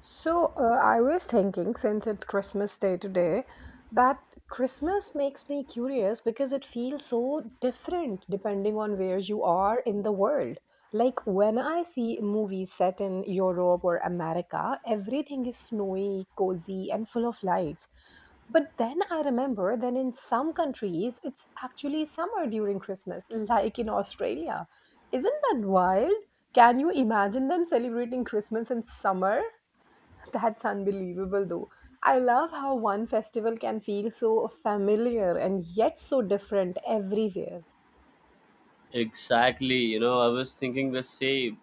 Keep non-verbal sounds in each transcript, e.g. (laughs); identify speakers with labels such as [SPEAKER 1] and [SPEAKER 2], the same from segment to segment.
[SPEAKER 1] I was thinking since it's Christmas Day today, that Christmas makes me curious because it feels so different depending on where you are in the world. Like when I see movies set in Europe or America, everything is snowy, cozy, and full of lights. But then I remember that in some countries, it's actually summer during Christmas, like in Australia. Isn't that wild? Can you imagine them celebrating Christmas in summer? (laughs) That's unbelievable, though. I love how one festival can feel so familiar and yet so different everywhere.
[SPEAKER 2] Exactly, you know, I was thinking the same.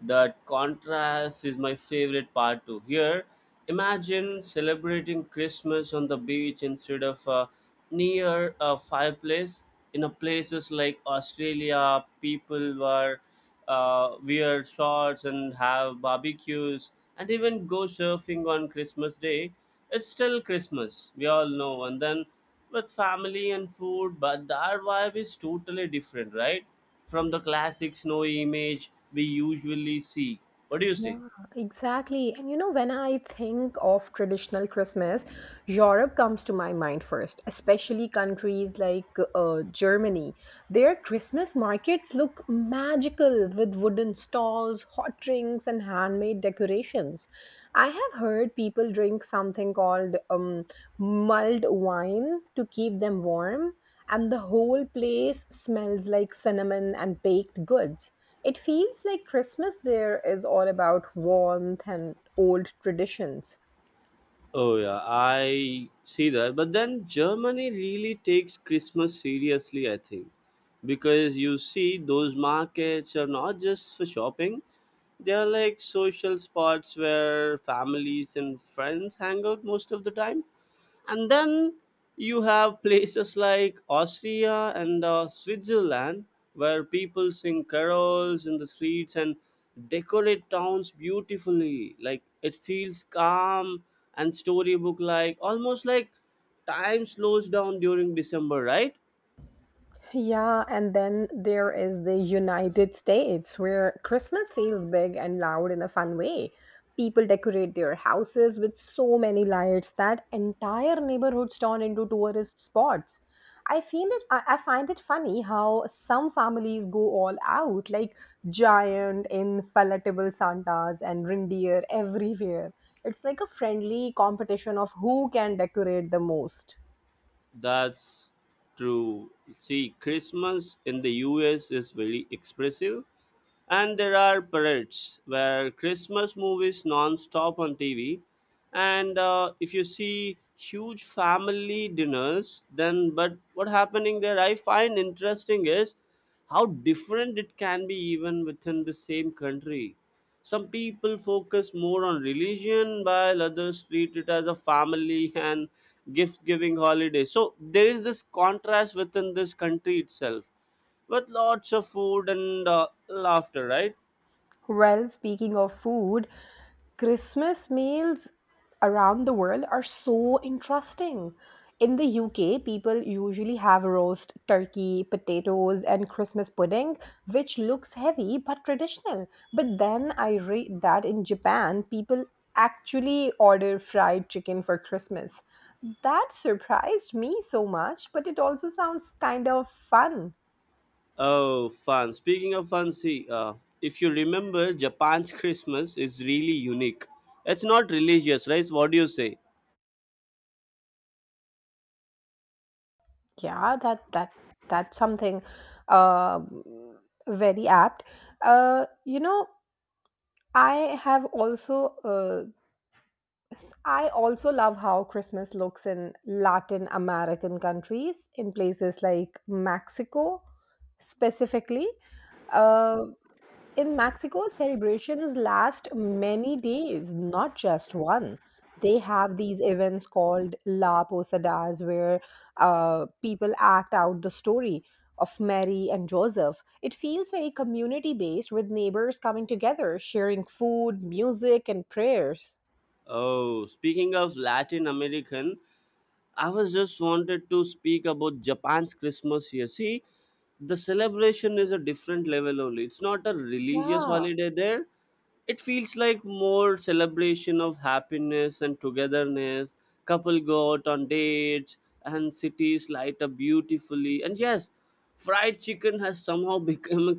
[SPEAKER 2] That contrast is my favorite part too. Here, imagine celebrating Christmas on the beach instead of near a fireplace. In a places like Australia, people were wear shorts and have barbecues and even go surfing on Christmas Day. It's still Christmas, we all know. And then with family and food, but that vibe is totally different, right? From the classic snowy image we usually see. What do you say?
[SPEAKER 1] Yeah, exactly. And you know, when I think of traditional Christmas, Europe comes to my mind first, especially countries like Germany. Their Christmas markets look magical with wooden stalls, hot drinks, and handmade decorations. I have heard people drink something called mulled wine to keep them warm, and the whole place smells like cinnamon and baked goods. It feels like Christmas there is all about warmth and old traditions.
[SPEAKER 2] Oh yeah, I see that. But then Germany really takes Christmas seriously, I think. Because you see those markets are not just for shopping. They are like social spots where families and friends hang out most of the time. And then you have places like Austria and Switzerland where people sing carols in the streets and decorate towns beautifully. Like it feels calm and storybook like, almost like time slows down during December, right?
[SPEAKER 1] Yeah, and then there is the United States where Christmas feels big and loud in a fun way. People decorate their houses with so many lights that entire neighborhoods turn into tourist spots. I find it funny how some families go all out, like giant inflatable Santas and reindeer everywhere. It's like a friendly competition of who can decorate the most.
[SPEAKER 2] That's true. See, Christmas in the US is very expressive. And there are parades where Christmas movies non-stop on TV. And if you see huge family dinners, then but what happening there? I find interesting is how different it can be even within the same country. Some people focus more on religion, while others treat it as a family (laughs) and gift-giving holiday. So there is this contrast within this country itself with lots of food and laughter, right?
[SPEAKER 1] Well, speaking of food, Christmas meals around the world are so interesting. In the UK, people usually have roast turkey, potatoes, and Christmas pudding, which looks heavy but traditional. But then I read that in Japan, people actually order fried chicken for Christmas. That surprised me so much, but it also sounds kind of fun.
[SPEAKER 2] Oh, fun. Speaking of fun, see, if you remember, Japan's Christmas is really unique. It's not religious, right? What do you say?
[SPEAKER 1] Yeah, that that's something um very apt. You know, I have also I also love how Christmas looks in Latin American countries, in places like Mexico specifically. Uh, in Mexico, celebrations last many days, not just one. They have these events called La Posadas, where people act out the story of Mary and Joseph. It feels very community based, with neighbors coming together, sharing food, music, and prayers.
[SPEAKER 2] Oh, speaking of Latin American, I was just wanted to speak about Japan's Christmas here. See, the celebration is a different level only. It's not a religious
[SPEAKER 1] Yeah.
[SPEAKER 2] holiday there. It feels like more celebration of happiness and togetherness. Couple go out on dates and cities light up beautifully. And yes, fried chicken has somehow (laughs) become a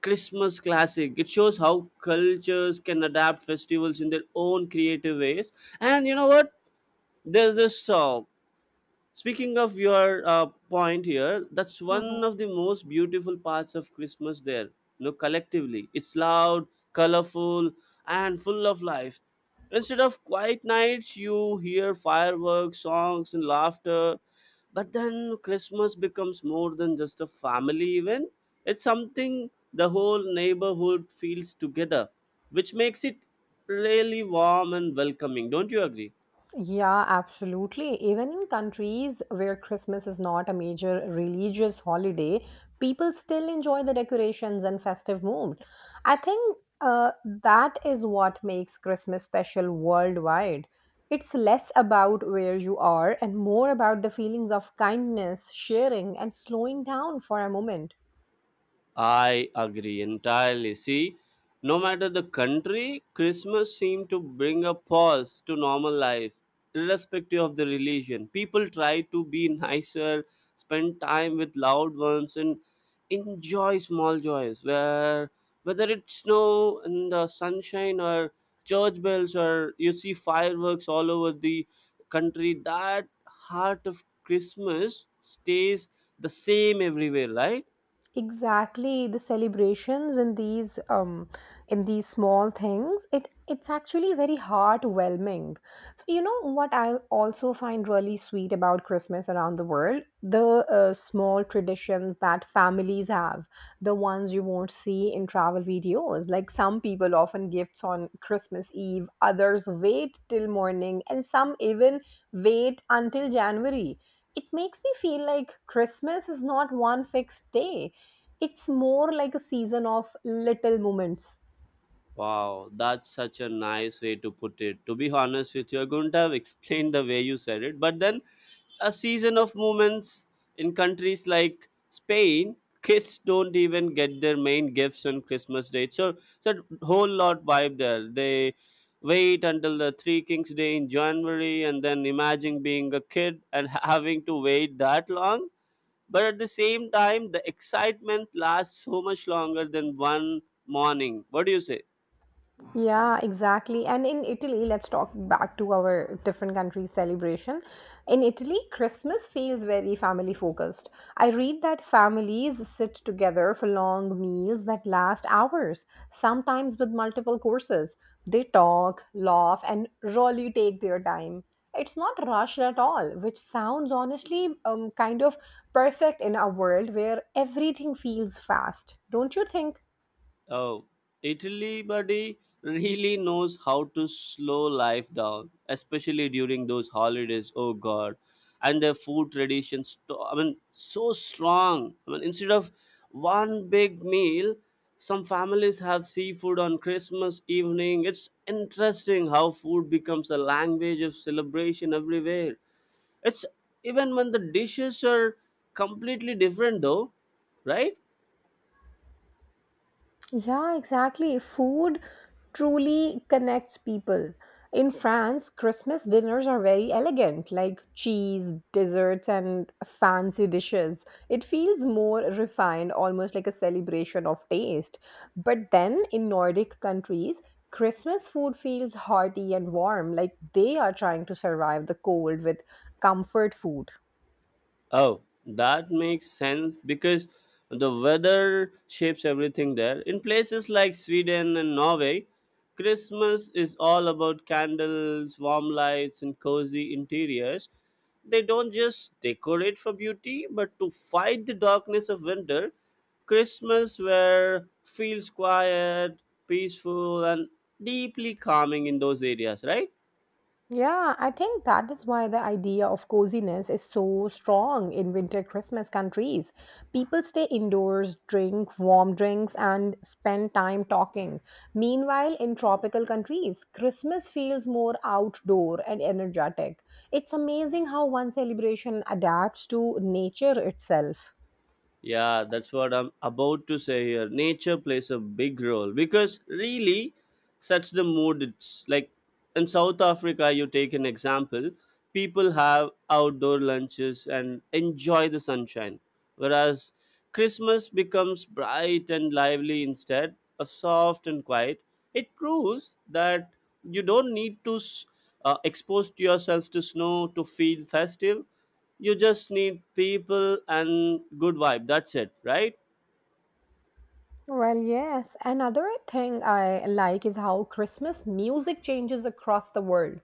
[SPEAKER 2] Christmas classic. It shows how cultures can adapt festivals in their own creative ways. And you know what? There's this Speaking of your point here, that's one of the most beautiful parts of Christmas there. You know, collectively, it's loud, colorful, and full of life. Instead of quiet nights, you hear fireworks, songs, and laughter. But then Christmas becomes more than just a family event. It's something the whole neighborhood feels together, which makes it really warm and welcoming. Don't you agree?
[SPEAKER 1] Yeah, absolutely. Even in countries where Christmas is not a major religious holiday, people still enjoy the decorations and festive mood. I think that is what makes Christmas special worldwide. It's less about where you are and more about the feelings of kindness, sharing, and slowing down for a moment.
[SPEAKER 2] I agree entirely. See, no matter the country, Christmas seemed to bring a pause to normal life, irrespective of the religion. People try to be nicer, spend time with loved ones, and enjoy small joys. Where whether it's snow and the sunshine, or church bells, or you see fireworks all over the country, that heart of Christmas stays the same everywhere, right?
[SPEAKER 1] Exactly, the celebrations in these small things, it's actually very heartwarming. So you know what, I also find really sweet about Christmas around the world, the small traditions that families have, the ones you won't see in travel videos, like some people often gifts on Christmas Eve, others wait till morning, and some even wait until January. It makes me feel like Christmas is not one fixed day. It's more like a season of little moments.
[SPEAKER 2] Wow, that's such a nice way to put it. To be honest with you, I couldn't have explained the way you said it. But then, a season of movements in countries like Spain, kids don't even get their main gifts on Christmas Day. So, it's a whole lot vibe there. They wait until the Three Kings Day in January, and then imagine being a kid and having to wait that long. But at the same time, the excitement lasts so much longer than one morning. What do you say?
[SPEAKER 1] Yeah, exactly. And in Italy, let's talk back to our different countries' celebration. In Italy, Christmas feels very family focused. I read that families sit together for long meals that last hours, sometimes with multiple courses. They talk, laugh, and really take their time. It's not rushed at all, which sounds honestly kind of perfect in a world where everything feels fast, don't you think?
[SPEAKER 2] Oh, Italy, buddy, really knows how to slow life down, especially during those holidays. Oh God, and their food traditions. I mean, so strong. I mean, instead of one big meal, some families have seafood on Christmas evening. It's interesting how food becomes a language of celebration everywhere. It's even when the dishes are completely different, though, right?
[SPEAKER 1] Yeah, exactly. Food truly connects people. In France, Christmas dinners are very elegant, like cheese, desserts, and fancy dishes. It feels more refined, almost like a celebration of taste. But then in Nordic countries, Christmas food feels hearty and warm, like they are trying to survive the cold with comfort food.
[SPEAKER 2] Oh, that makes sense because the weather shapes everything there. In places like Sweden and Norway, Christmas is all about candles, warm lights, and cozy interiors. They don't just decorate for beauty, but to fight the darkness of winter. Christmas where feels quiet, peaceful, and deeply calming in those areas, right?
[SPEAKER 1] Yeah, I think that is why the idea of coziness is so strong in winter Christmas countries. People stay indoors, drink warm drinks, and spend time talking. Meanwhile, in tropical countries, Christmas feels more outdoor and energetic. It's amazing how one celebration adapts to nature itself.
[SPEAKER 2] Yeah, that's what I'm about to say here. Nature plays a big role because really sets the mood. It's like in South Africa, you take an example, people have outdoor lunches and enjoy the sunshine, whereas Christmas becomes bright and lively instead of soft and quiet. It proves that you don't need to expose yourself to snow to feel festive, you just need people and good vibe. That's it, right?
[SPEAKER 1] Well, yes. Another thing I like is how Christmas music changes across the world.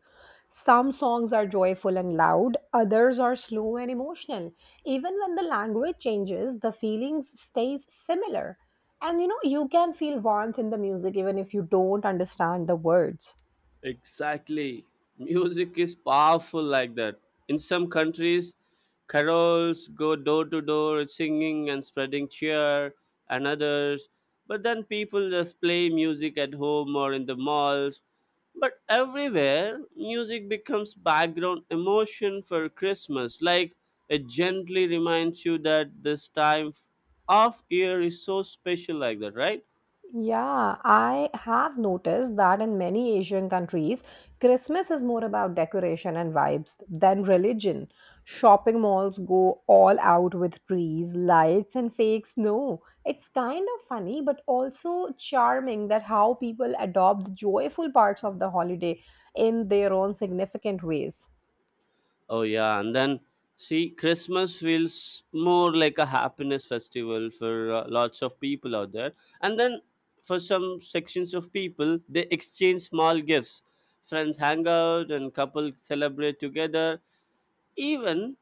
[SPEAKER 1] Some songs are joyful and loud, others are slow and emotional. Even when the language changes, the feelings stays similar. And you know, you can feel warmth in the music even if you don't understand the words.
[SPEAKER 2] Exactly. Music is powerful like that. In some countries, carols go door to door singing and spreading cheer and others. But then people just play music at home or in the malls. But everywhere, music becomes background emotion for Christmas. Like it gently reminds you that this time of year is so special, like that, right?
[SPEAKER 1] Yeah, I have noticed that in many Asian countries, Christmas is more about decoration and vibes than religion. Shopping malls go all out with trees, lights, and fake snow. It's kind of funny, but also charming that how people adopt the joyful parts of the holiday in their own significant ways.
[SPEAKER 2] Oh yeah, and then see, Christmas feels more like a happiness festival for lots of people out there. And then for some sections of people, they exchange small gifts. Friends hang out and couples celebrate together. Even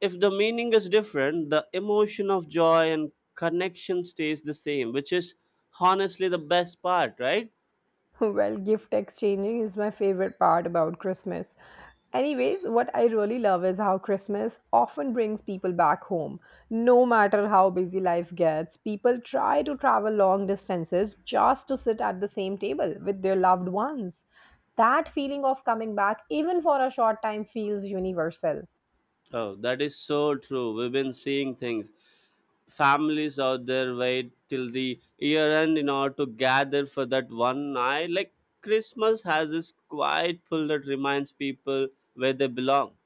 [SPEAKER 2] if the meaning is different, the emotion of joy and connection stays the same, which is honestly the best part, right?
[SPEAKER 1] (laughs) Well, gift exchanging is my favorite part about Christmas. Anyways, what I really love is how Christmas often brings people back home. No matter how busy life gets, people try to travel long distances just to sit at the same table with their loved ones. That feeling of coming back, even for a short time, feels universal.
[SPEAKER 2] Oh, that is so true. We've been seeing things. Families out there wait till the year end in order to gather for that one night. Like Christmas has this quiet pull that reminds people where they belong,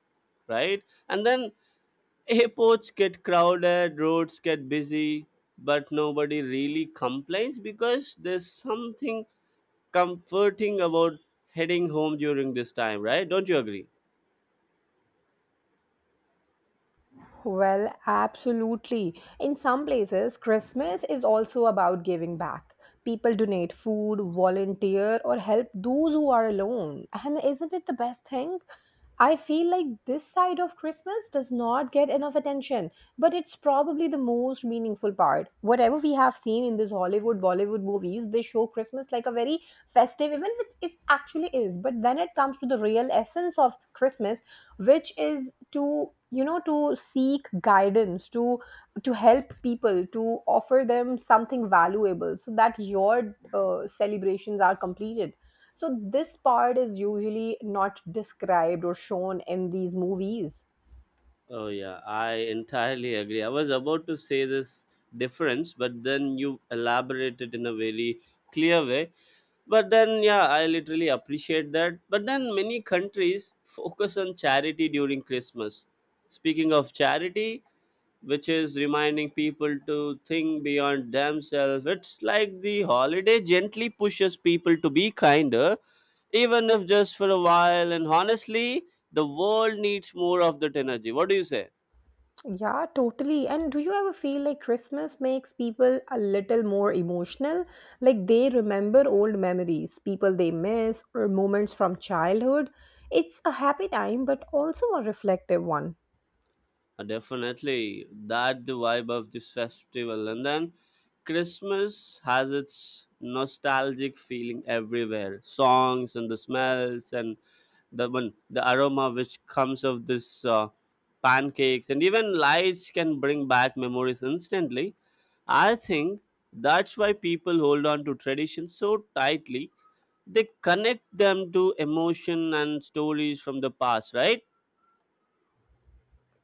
[SPEAKER 2] right? And then airports get crowded, roads get busy, but nobody really complains because there's something comforting about heading home during this time, right? Don't you agree?
[SPEAKER 1] Well, absolutely. In some places, Christmas is also about giving back. People donate food, volunteer, or help those who are alone. And isn't it the best thing? I feel like this side of Christmas does not get enough attention, but it's probably the most meaningful part. Whatever we have seen in these Hollywood, Bollywood movies, they show Christmas like a very festive event, which it actually is. But then it comes to the real essence of Christmas, which is to, you know, to seek guidance, to help people, to offer them something valuable so that your celebrations are completed, so this part is usually not described or shown in these movies.
[SPEAKER 2] Oh yeah, I entirely agree. I was about to say this difference, but then you elaborated in a very clear way. But then yeah, I literally appreciate that. But then many countries focus on charity during Christmas. Speaking of charity, which is reminding people to think beyond themselves, it's like the holiday gently pushes people to be kinder, even if just for a while. And honestly, the world needs more of that energy. What do you say?
[SPEAKER 1] Yeah, totally. And do you ever feel like Christmas makes people a little more emotional? Like they remember old memories, people they miss, or moments from childhood. It's a happy time, but also a reflective one.
[SPEAKER 2] Definitely, that the vibe of this festival. And then Christmas has its nostalgic feeling everywhere. Songs and the smells and the one the aroma which comes of this pancakes and even lights can bring back memories instantly. I think that's why people hold on to tradition so tightly. They connect them to emotion and stories from the past, right?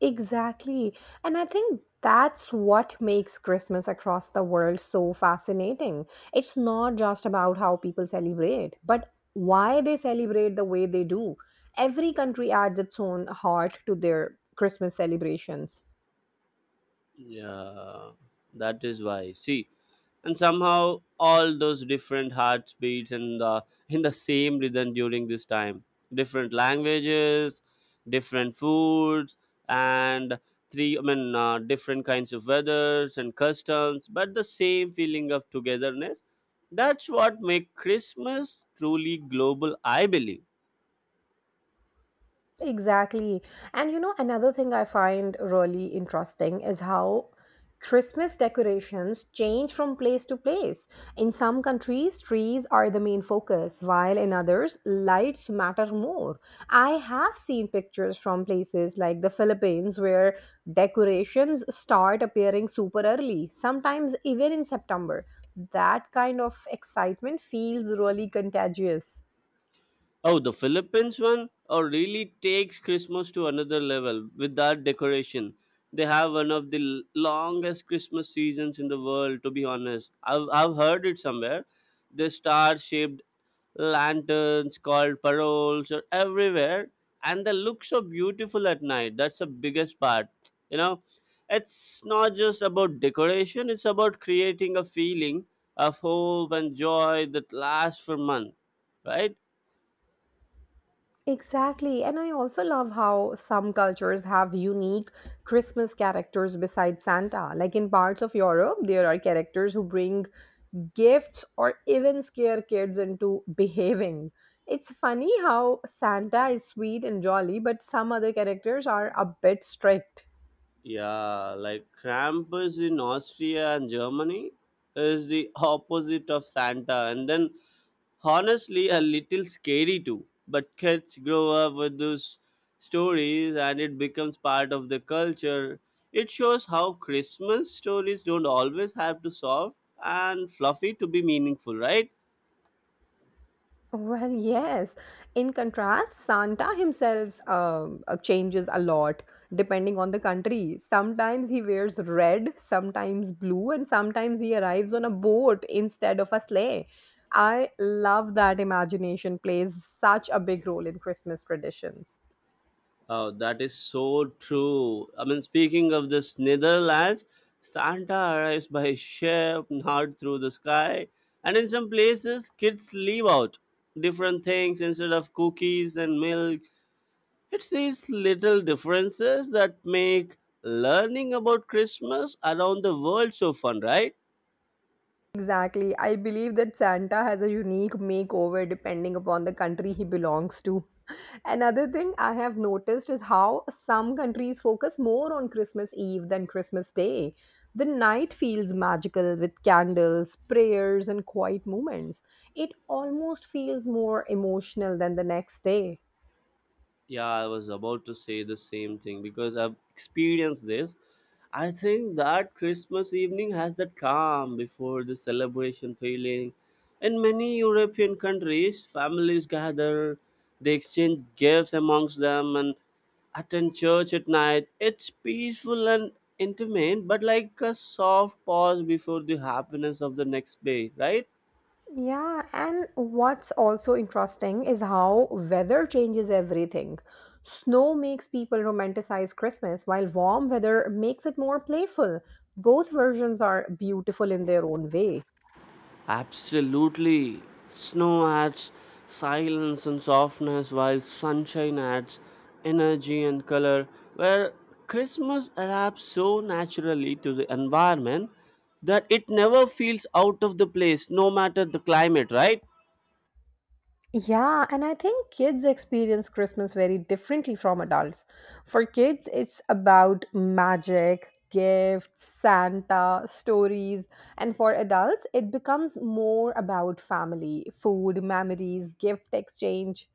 [SPEAKER 1] Exactly. And I think that's what makes Christmas across the world so fascinating. It's not just about how people celebrate, but why they celebrate the way they do. Every country adds its own heart to their Christmas celebrations.
[SPEAKER 2] Yeah, that is why. See, and somehow all those different heartbeats and the (laughs) in the same rhythm during this time, different languages, different foods, and different kinds of weathers and customs, but the same feeling of togetherness. That's what make Christmas truly global. I believe.
[SPEAKER 1] Exactly. And you know, another thing I find really interesting is how Christmas decorations change from place to place. In some countries, trees are the main focus, while in others, lights matter more. I have seen pictures from places like the Philippines where decorations start appearing super early, sometimes even in September. That kind of excitement feels really contagious.
[SPEAKER 2] Oh, the Philippines one? Oh, really takes Christmas to another level with that decoration. They have one of the longest Christmas seasons in the world, to be honest. I've heard it somewhere. The star shaped lanterns called paroles are everywhere, and they look so beautiful at night. That's the biggest part. You know, it's not just about decoration, it's about creating a feeling of hope and joy that lasts for months, right?
[SPEAKER 1] Exactly. And I also love how some cultures have unique Christmas characters besides Santa. Like in parts of Europe, there are characters who bring gifts or even scare kids into (laughs) behaving. It's funny how Santa is sweet and jolly, but some other characters are a bit strict.
[SPEAKER 2] Yeah, like Krampus in Austria and Germany is the (laughs) opposite of Santa, and then honestly, a little scary too. But kids grow up with those stories and it becomes part of the culture. It shows how Christmas stories don't always have to solve and fluffy to be meaningful, right?
[SPEAKER 1] Well, yes. In contrast, Santa himself changes a lot depending on the country. Sometimes he wears red, sometimes blue, and sometimes he arrives on a boat instead of a sleigh. I love that imagination plays such a big role in Christmas traditions.
[SPEAKER 2] Oh, that is so true. I mean, speaking of this Netherlands, Santa arrives by ship, not through the sky. And in some places, kids leave out different things instead of cookies and milk. It's these little differences that make learning about Christmas around the world so fun, right?
[SPEAKER 1] Exactly. I believe that Santa has a unique makeover depending upon the country he belongs to. (laughs) Another thing I have noticed is how some countries focus more on Christmas Eve than Christmas Day. The night feels magical with candles, prayers, and quiet moments. It almost feels more emotional than the next day.
[SPEAKER 2] Yeah, I was about to say the same thing because I've experienced this. I think that Christmas evening has that calm before the celebration feeling. In many European countries, families gather, they exchange gifts amongst them, and attend church at night. It's peaceful and intimate, but like a soft pause before the happiness of the next day, right?
[SPEAKER 1] Yeah, and what's also interesting is how weather changes everything. Snow makes people romanticize Christmas, while warm weather makes it more playful. Both versions are beautiful in their own way.
[SPEAKER 2] Absolutely. Snow adds silence and softness, while sunshine adds energy and color. Where Christmas adapts so naturally to the environment that it never feels out of the place, no matter the climate, right?
[SPEAKER 1] Yeah, and I think kids experience Christmas very differently from adults. For kids, it's about magic, gifts, Santa, stories, and for adults, it becomes more about family, food, memories, gift exchange.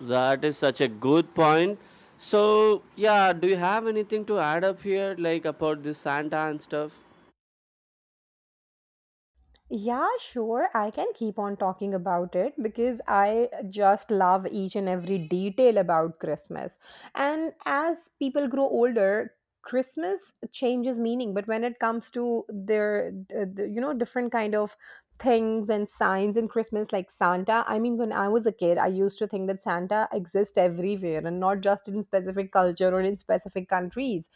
[SPEAKER 2] That is such a good point. So, yeah, do you have anything to add up here, like about this Santa and stuff?
[SPEAKER 1] Yeah, sure. I can keep on talking about it because I just love each and every detail about Christmas. And as people grow older, Christmas changes meaning, but when it comes to their, you know, different kind of things and signs in Christmas, like Santa. I mean, when I was a kid, I used to think that Santa exists everywhere and not just in specific culture or in specific countries.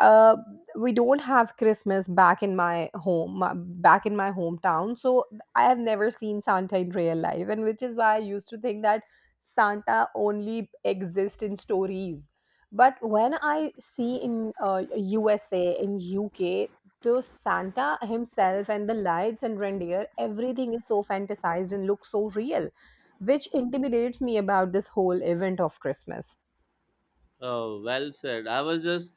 [SPEAKER 1] uh, we don't have Christmas back in my back in my hometown, so I have never seen Santa in real life, and which is why I used to think that Santa only exists in stories. But when I see in USA, in UK, the Santa himself and the lights and reindeer, everything is so fantasized and looks so real, which intimidates me about this whole event of Christmas.
[SPEAKER 2] Oh, well said. I was just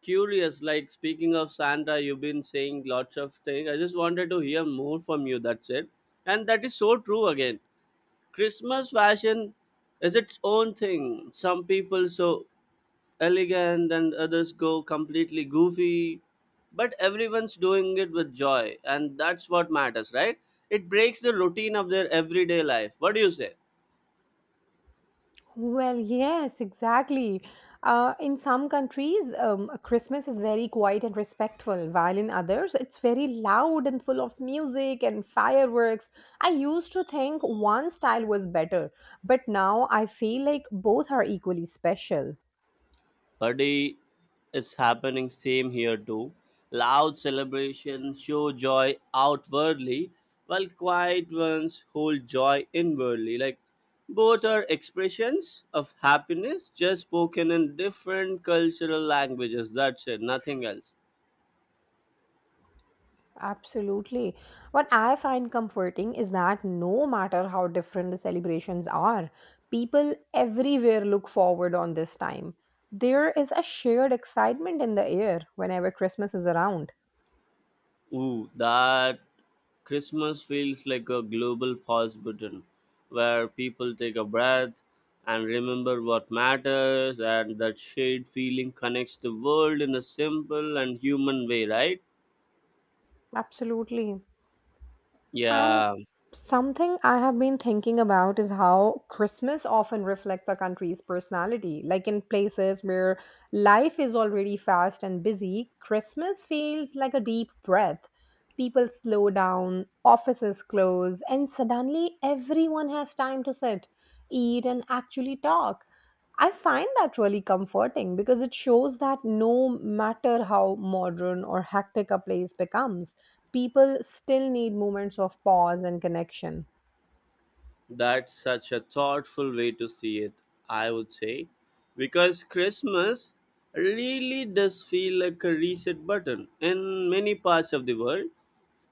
[SPEAKER 2] curious like speaking of Sandra, you've been saying lots of things, I just wanted to hear more from you, that's it. And that is so true again. Christmas fashion is its own thing, some people so elegant and others go completely goofy, but everyone's doing it with joy and that's what matters, right? It breaks the routine of their everyday life. What do you say?
[SPEAKER 1] Well, yes, exactly. In some countries, Christmas is very quiet and respectful, while in others, it's very loud and full of music and fireworks. I used to think one style was better, but now I feel like both are equally special.
[SPEAKER 2] Buddy, it's happening same here too. Loud celebrations show joy outwardly, while quiet ones hold joy inwardly. Like both are expressions of happiness, just spoken in different cultural languages. That's it, nothing else.
[SPEAKER 1] Absolutely. What I find comforting is that no matter how different the celebrations are, people everywhere look forward on this time. There is a shared excitement in the air whenever Christmas is around.
[SPEAKER 2] Ooh, that Christmas feels like a global pause button where people take a breath and remember what matters, and that shared feeling connects the world in a simple and human way, right?
[SPEAKER 1] Absolutely. And
[SPEAKER 2] Yeah,
[SPEAKER 1] something I have been thinking about is how Christmas often reflects a country's personality. Like in places where life is already fast and busy, Christmas feels like a deep breath. People slow down, offices close, and suddenly everyone has time to sit, eat, and actually talk. I find that really comforting because it shows that no matter how modern or hectic a place becomes, people still need moments of pause and connection.
[SPEAKER 2] that's such a thoughtful way to see it, I would say. Because Christmas really does feel like a reset button in many parts of the world.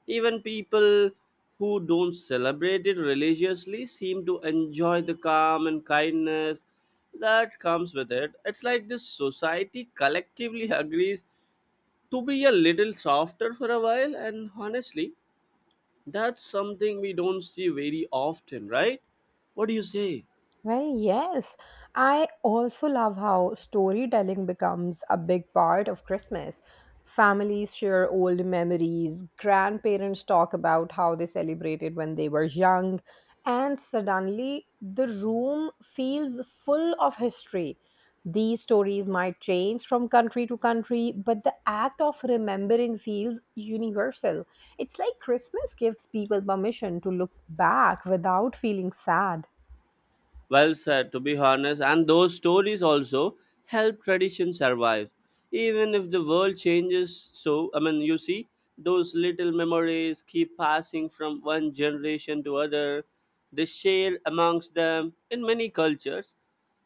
[SPEAKER 2] Even people who don't celebrate it religiously seem to enjoy the calm and kindness that comes with it. It's like this society collectively agrees to be a little softer for a while, and honestly, that's something we don't see very often, right? What do you say?
[SPEAKER 1] Well, yes. I also love how storytelling becomes a big part of Christmas. Families share old memories, grandparents talk about how they celebrated when they were young, and suddenly the room feels full of history. These stories might change from country to country, but the act of remembering feels universal. It's like Christmas gives people permission to look back without feeling sad.
[SPEAKER 2] Well said, to be honest, and those stories also help tradition survive. Even if the world changes, so I mean, you see, those little memories keep passing from one generation to other. They share amongst them in many cultures,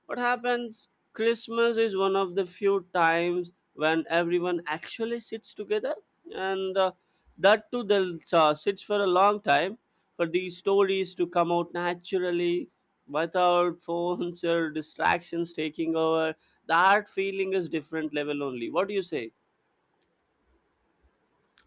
[SPEAKER 2] what happens? Christmas is one of the few times when everyone actually sits together, and that too they'll sits for a long time for these stories to come out naturally without (laughs) phones or distractions taking over. That feeling is different level only. What do you say?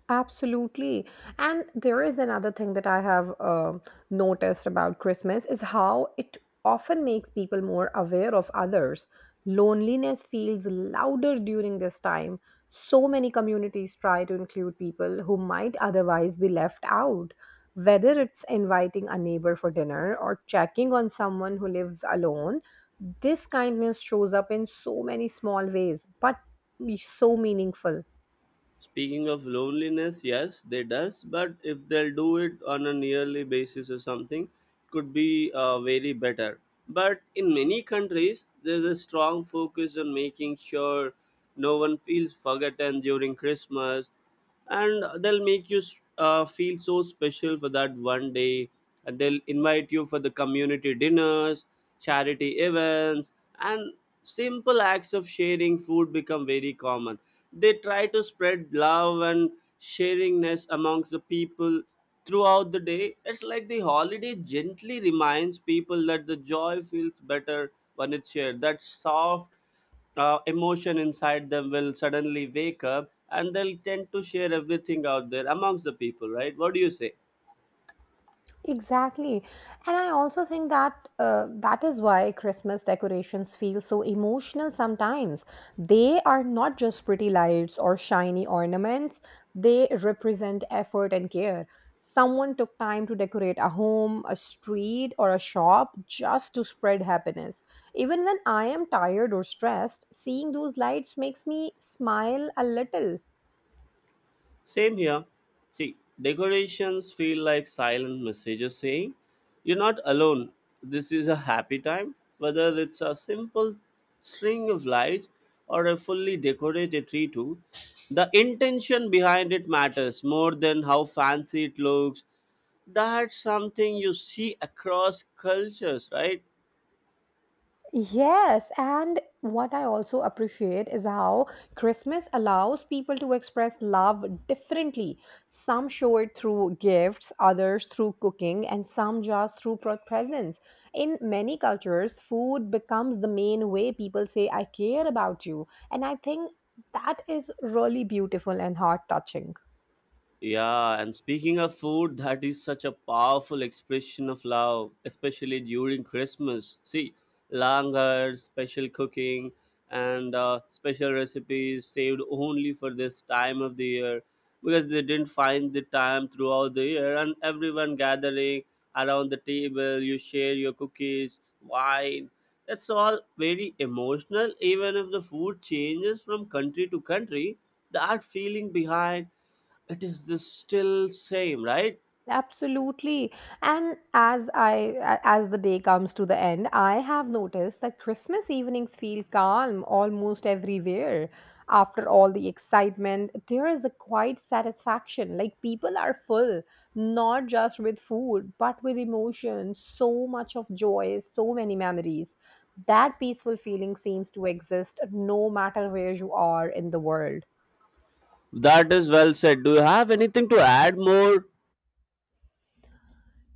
[SPEAKER 1] Absolutely. And there is another thing that I have noticed about Christmas is how it often makes people more aware of others. Loneliness feels louder during this time. So many communities try to include people who might otherwise be left out, whether it's inviting a neighbor for dinner or checking on someone who lives alone. This kindness shows up in so many small ways, but so meaningful.
[SPEAKER 2] Speaking of loneliness, yes, they does. But if they'll do it on a yearly basis or something, could be very better. But in many countries, there's a strong focus on making sure no one feels forgotten during Christmas, and they'll make you feel so special for that one day, and they'll invite you for the community dinners, charity events, and simple acts of sharing food become very common. They try to spread love and sharingness amongst the people throughout the day. It's like the holiday gently reminds people that the joy feels better when it's shared. That soft emotion inside them will suddenly wake up, and they'll tend to share everything out there amongst the people, right? What do you say?
[SPEAKER 1] Exactly. And I also think that that is why Christmas decorations feel so emotional sometimes. They are not just pretty lights or shiny ornaments, they represent effort and care. Someone took time to decorate a home, a street, or a shop just to spread happiness. Even when I am tired or stressed, seeing those lights makes me smile a little.
[SPEAKER 2] Same here. See, decorations feel like silent messages saying, "You're not alone. This is a happy time." Whether it's a simple string of lights or a fully decorated tree, too, the intention behind it matters more than how fancy it looks. That's something you see across cultures, right?
[SPEAKER 1] Yes, and what I also appreciate is how Christmas allows people to express love differently. Some show it through gifts, others through cooking, and some just through presents. In many cultures, food becomes the main way people say, I care about you. And I think that is really beautiful and heart touching.
[SPEAKER 2] Yeah, and speaking of food, that is such a powerful expression of love, especially during Christmas. See, langar, special cooking, and special recipes saved only for this time of the year because they didn't find the time throughout the year. And everyone gathering around the table, you share your cookies, wine. It's all very emotional, even if the food changes from country to country. That feeling behind it is the still same, right?
[SPEAKER 1] Absolutely. And as the day comes to the end, I have noticed that Christmas evenings feel calm almost everywhere. After all the excitement, there is a quiet satisfaction. Like people are full, not just with food, but with emotions, so much of joy, so many memories. That peaceful feeling seems to exist no matter where you are in the world.
[SPEAKER 2] That is well said. Do you have anything to add more?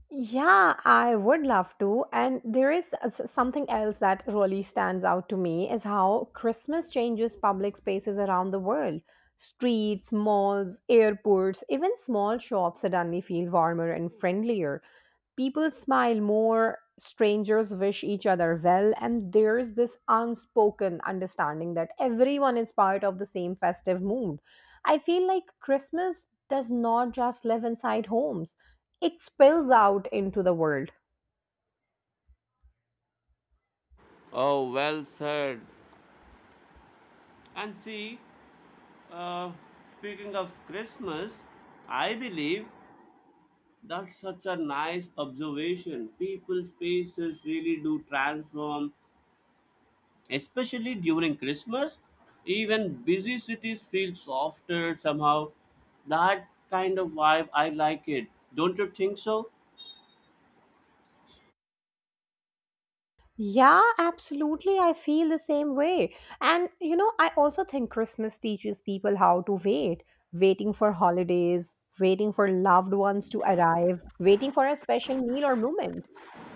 [SPEAKER 1] Yeah, I would love to. And there is something else that really stands out to me is how Christmas changes public spaces around the world. Streets, malls, airports, even small shops suddenly feel warmer and friendlier. People smile more, strangers wish each other well, and there's this unspoken understanding that everyone is part of the same festive mood. I feel like Christmas does not just live inside homes, it spills out into the world.
[SPEAKER 2] Oh, well said. And see, uh, speaking of Christmas, I believe that's such a nice observation. People's faces really do transform, especially during Christmas. Even busy cities feel softer somehow. That kind of vibe, I like it. Don't you think so?
[SPEAKER 1] Yeah, absolutely. I feel the same way. And, you know, I also think Christmas teaches people how to wait, waiting for holidays, waiting for loved ones to arrive, waiting for a special meal or moment.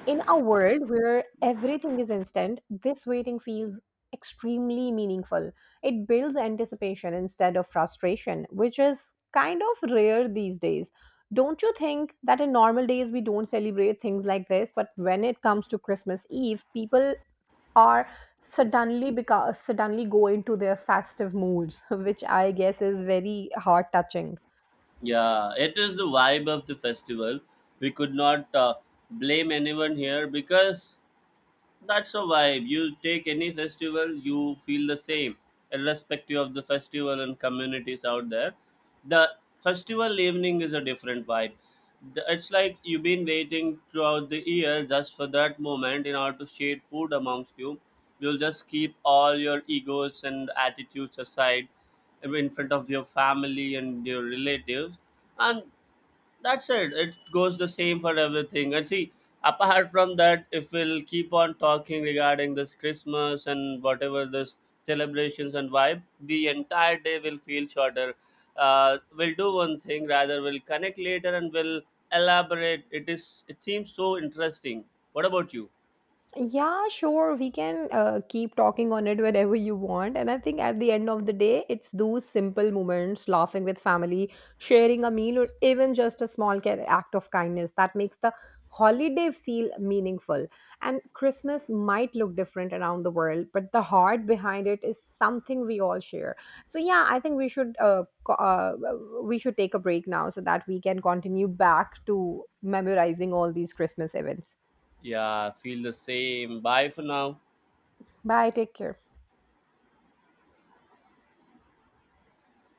[SPEAKER 1] In a world where everything is instant, this waiting feels extremely meaningful. It builds anticipation instead of frustration, which is kind of rare these days. Don't you think that in normal days we don't celebrate things like this, but when it comes to Christmas Eve, people are suddenly go into their festive moods, (laughs) which I guess is very heart touching.
[SPEAKER 2] Yeah, it is the vibe of the festival. We could not blame anyone here because that's a vibe. You take any festival, you feel the same, irrespective of the festival and communities out there. The festival evening is a different vibe. It's like you've been waiting throughout the year just for that moment in order to share food amongst you. You'll just keep all your egos and attitudes aside in front of your family and your relatives, and that's it. It goes the same for everything. And see, apart from that, if we'll keep on talking regarding this Christmas and whatever this celebrations and vibe, the entire day will feel shorter. We'll do one thing rather. We'll connect later and we'll elaborate. It is. It seems so interesting. What about you?
[SPEAKER 1] Yeah, sure. We can keep talking on it whenever you want. And I think at the end of the day, it's those simple moments, laughing with family, sharing a meal, or even just a small act of kindness that makes the holiday feel meaningful. And Christmas might look different around the world, but the heart behind it is something we all share. So yeah, I think we should we should take a break now so that we can continue back to memorizing all these Christmas events.
[SPEAKER 2] Yeah, I feel the same. Bye for now.
[SPEAKER 1] Bye. Take care.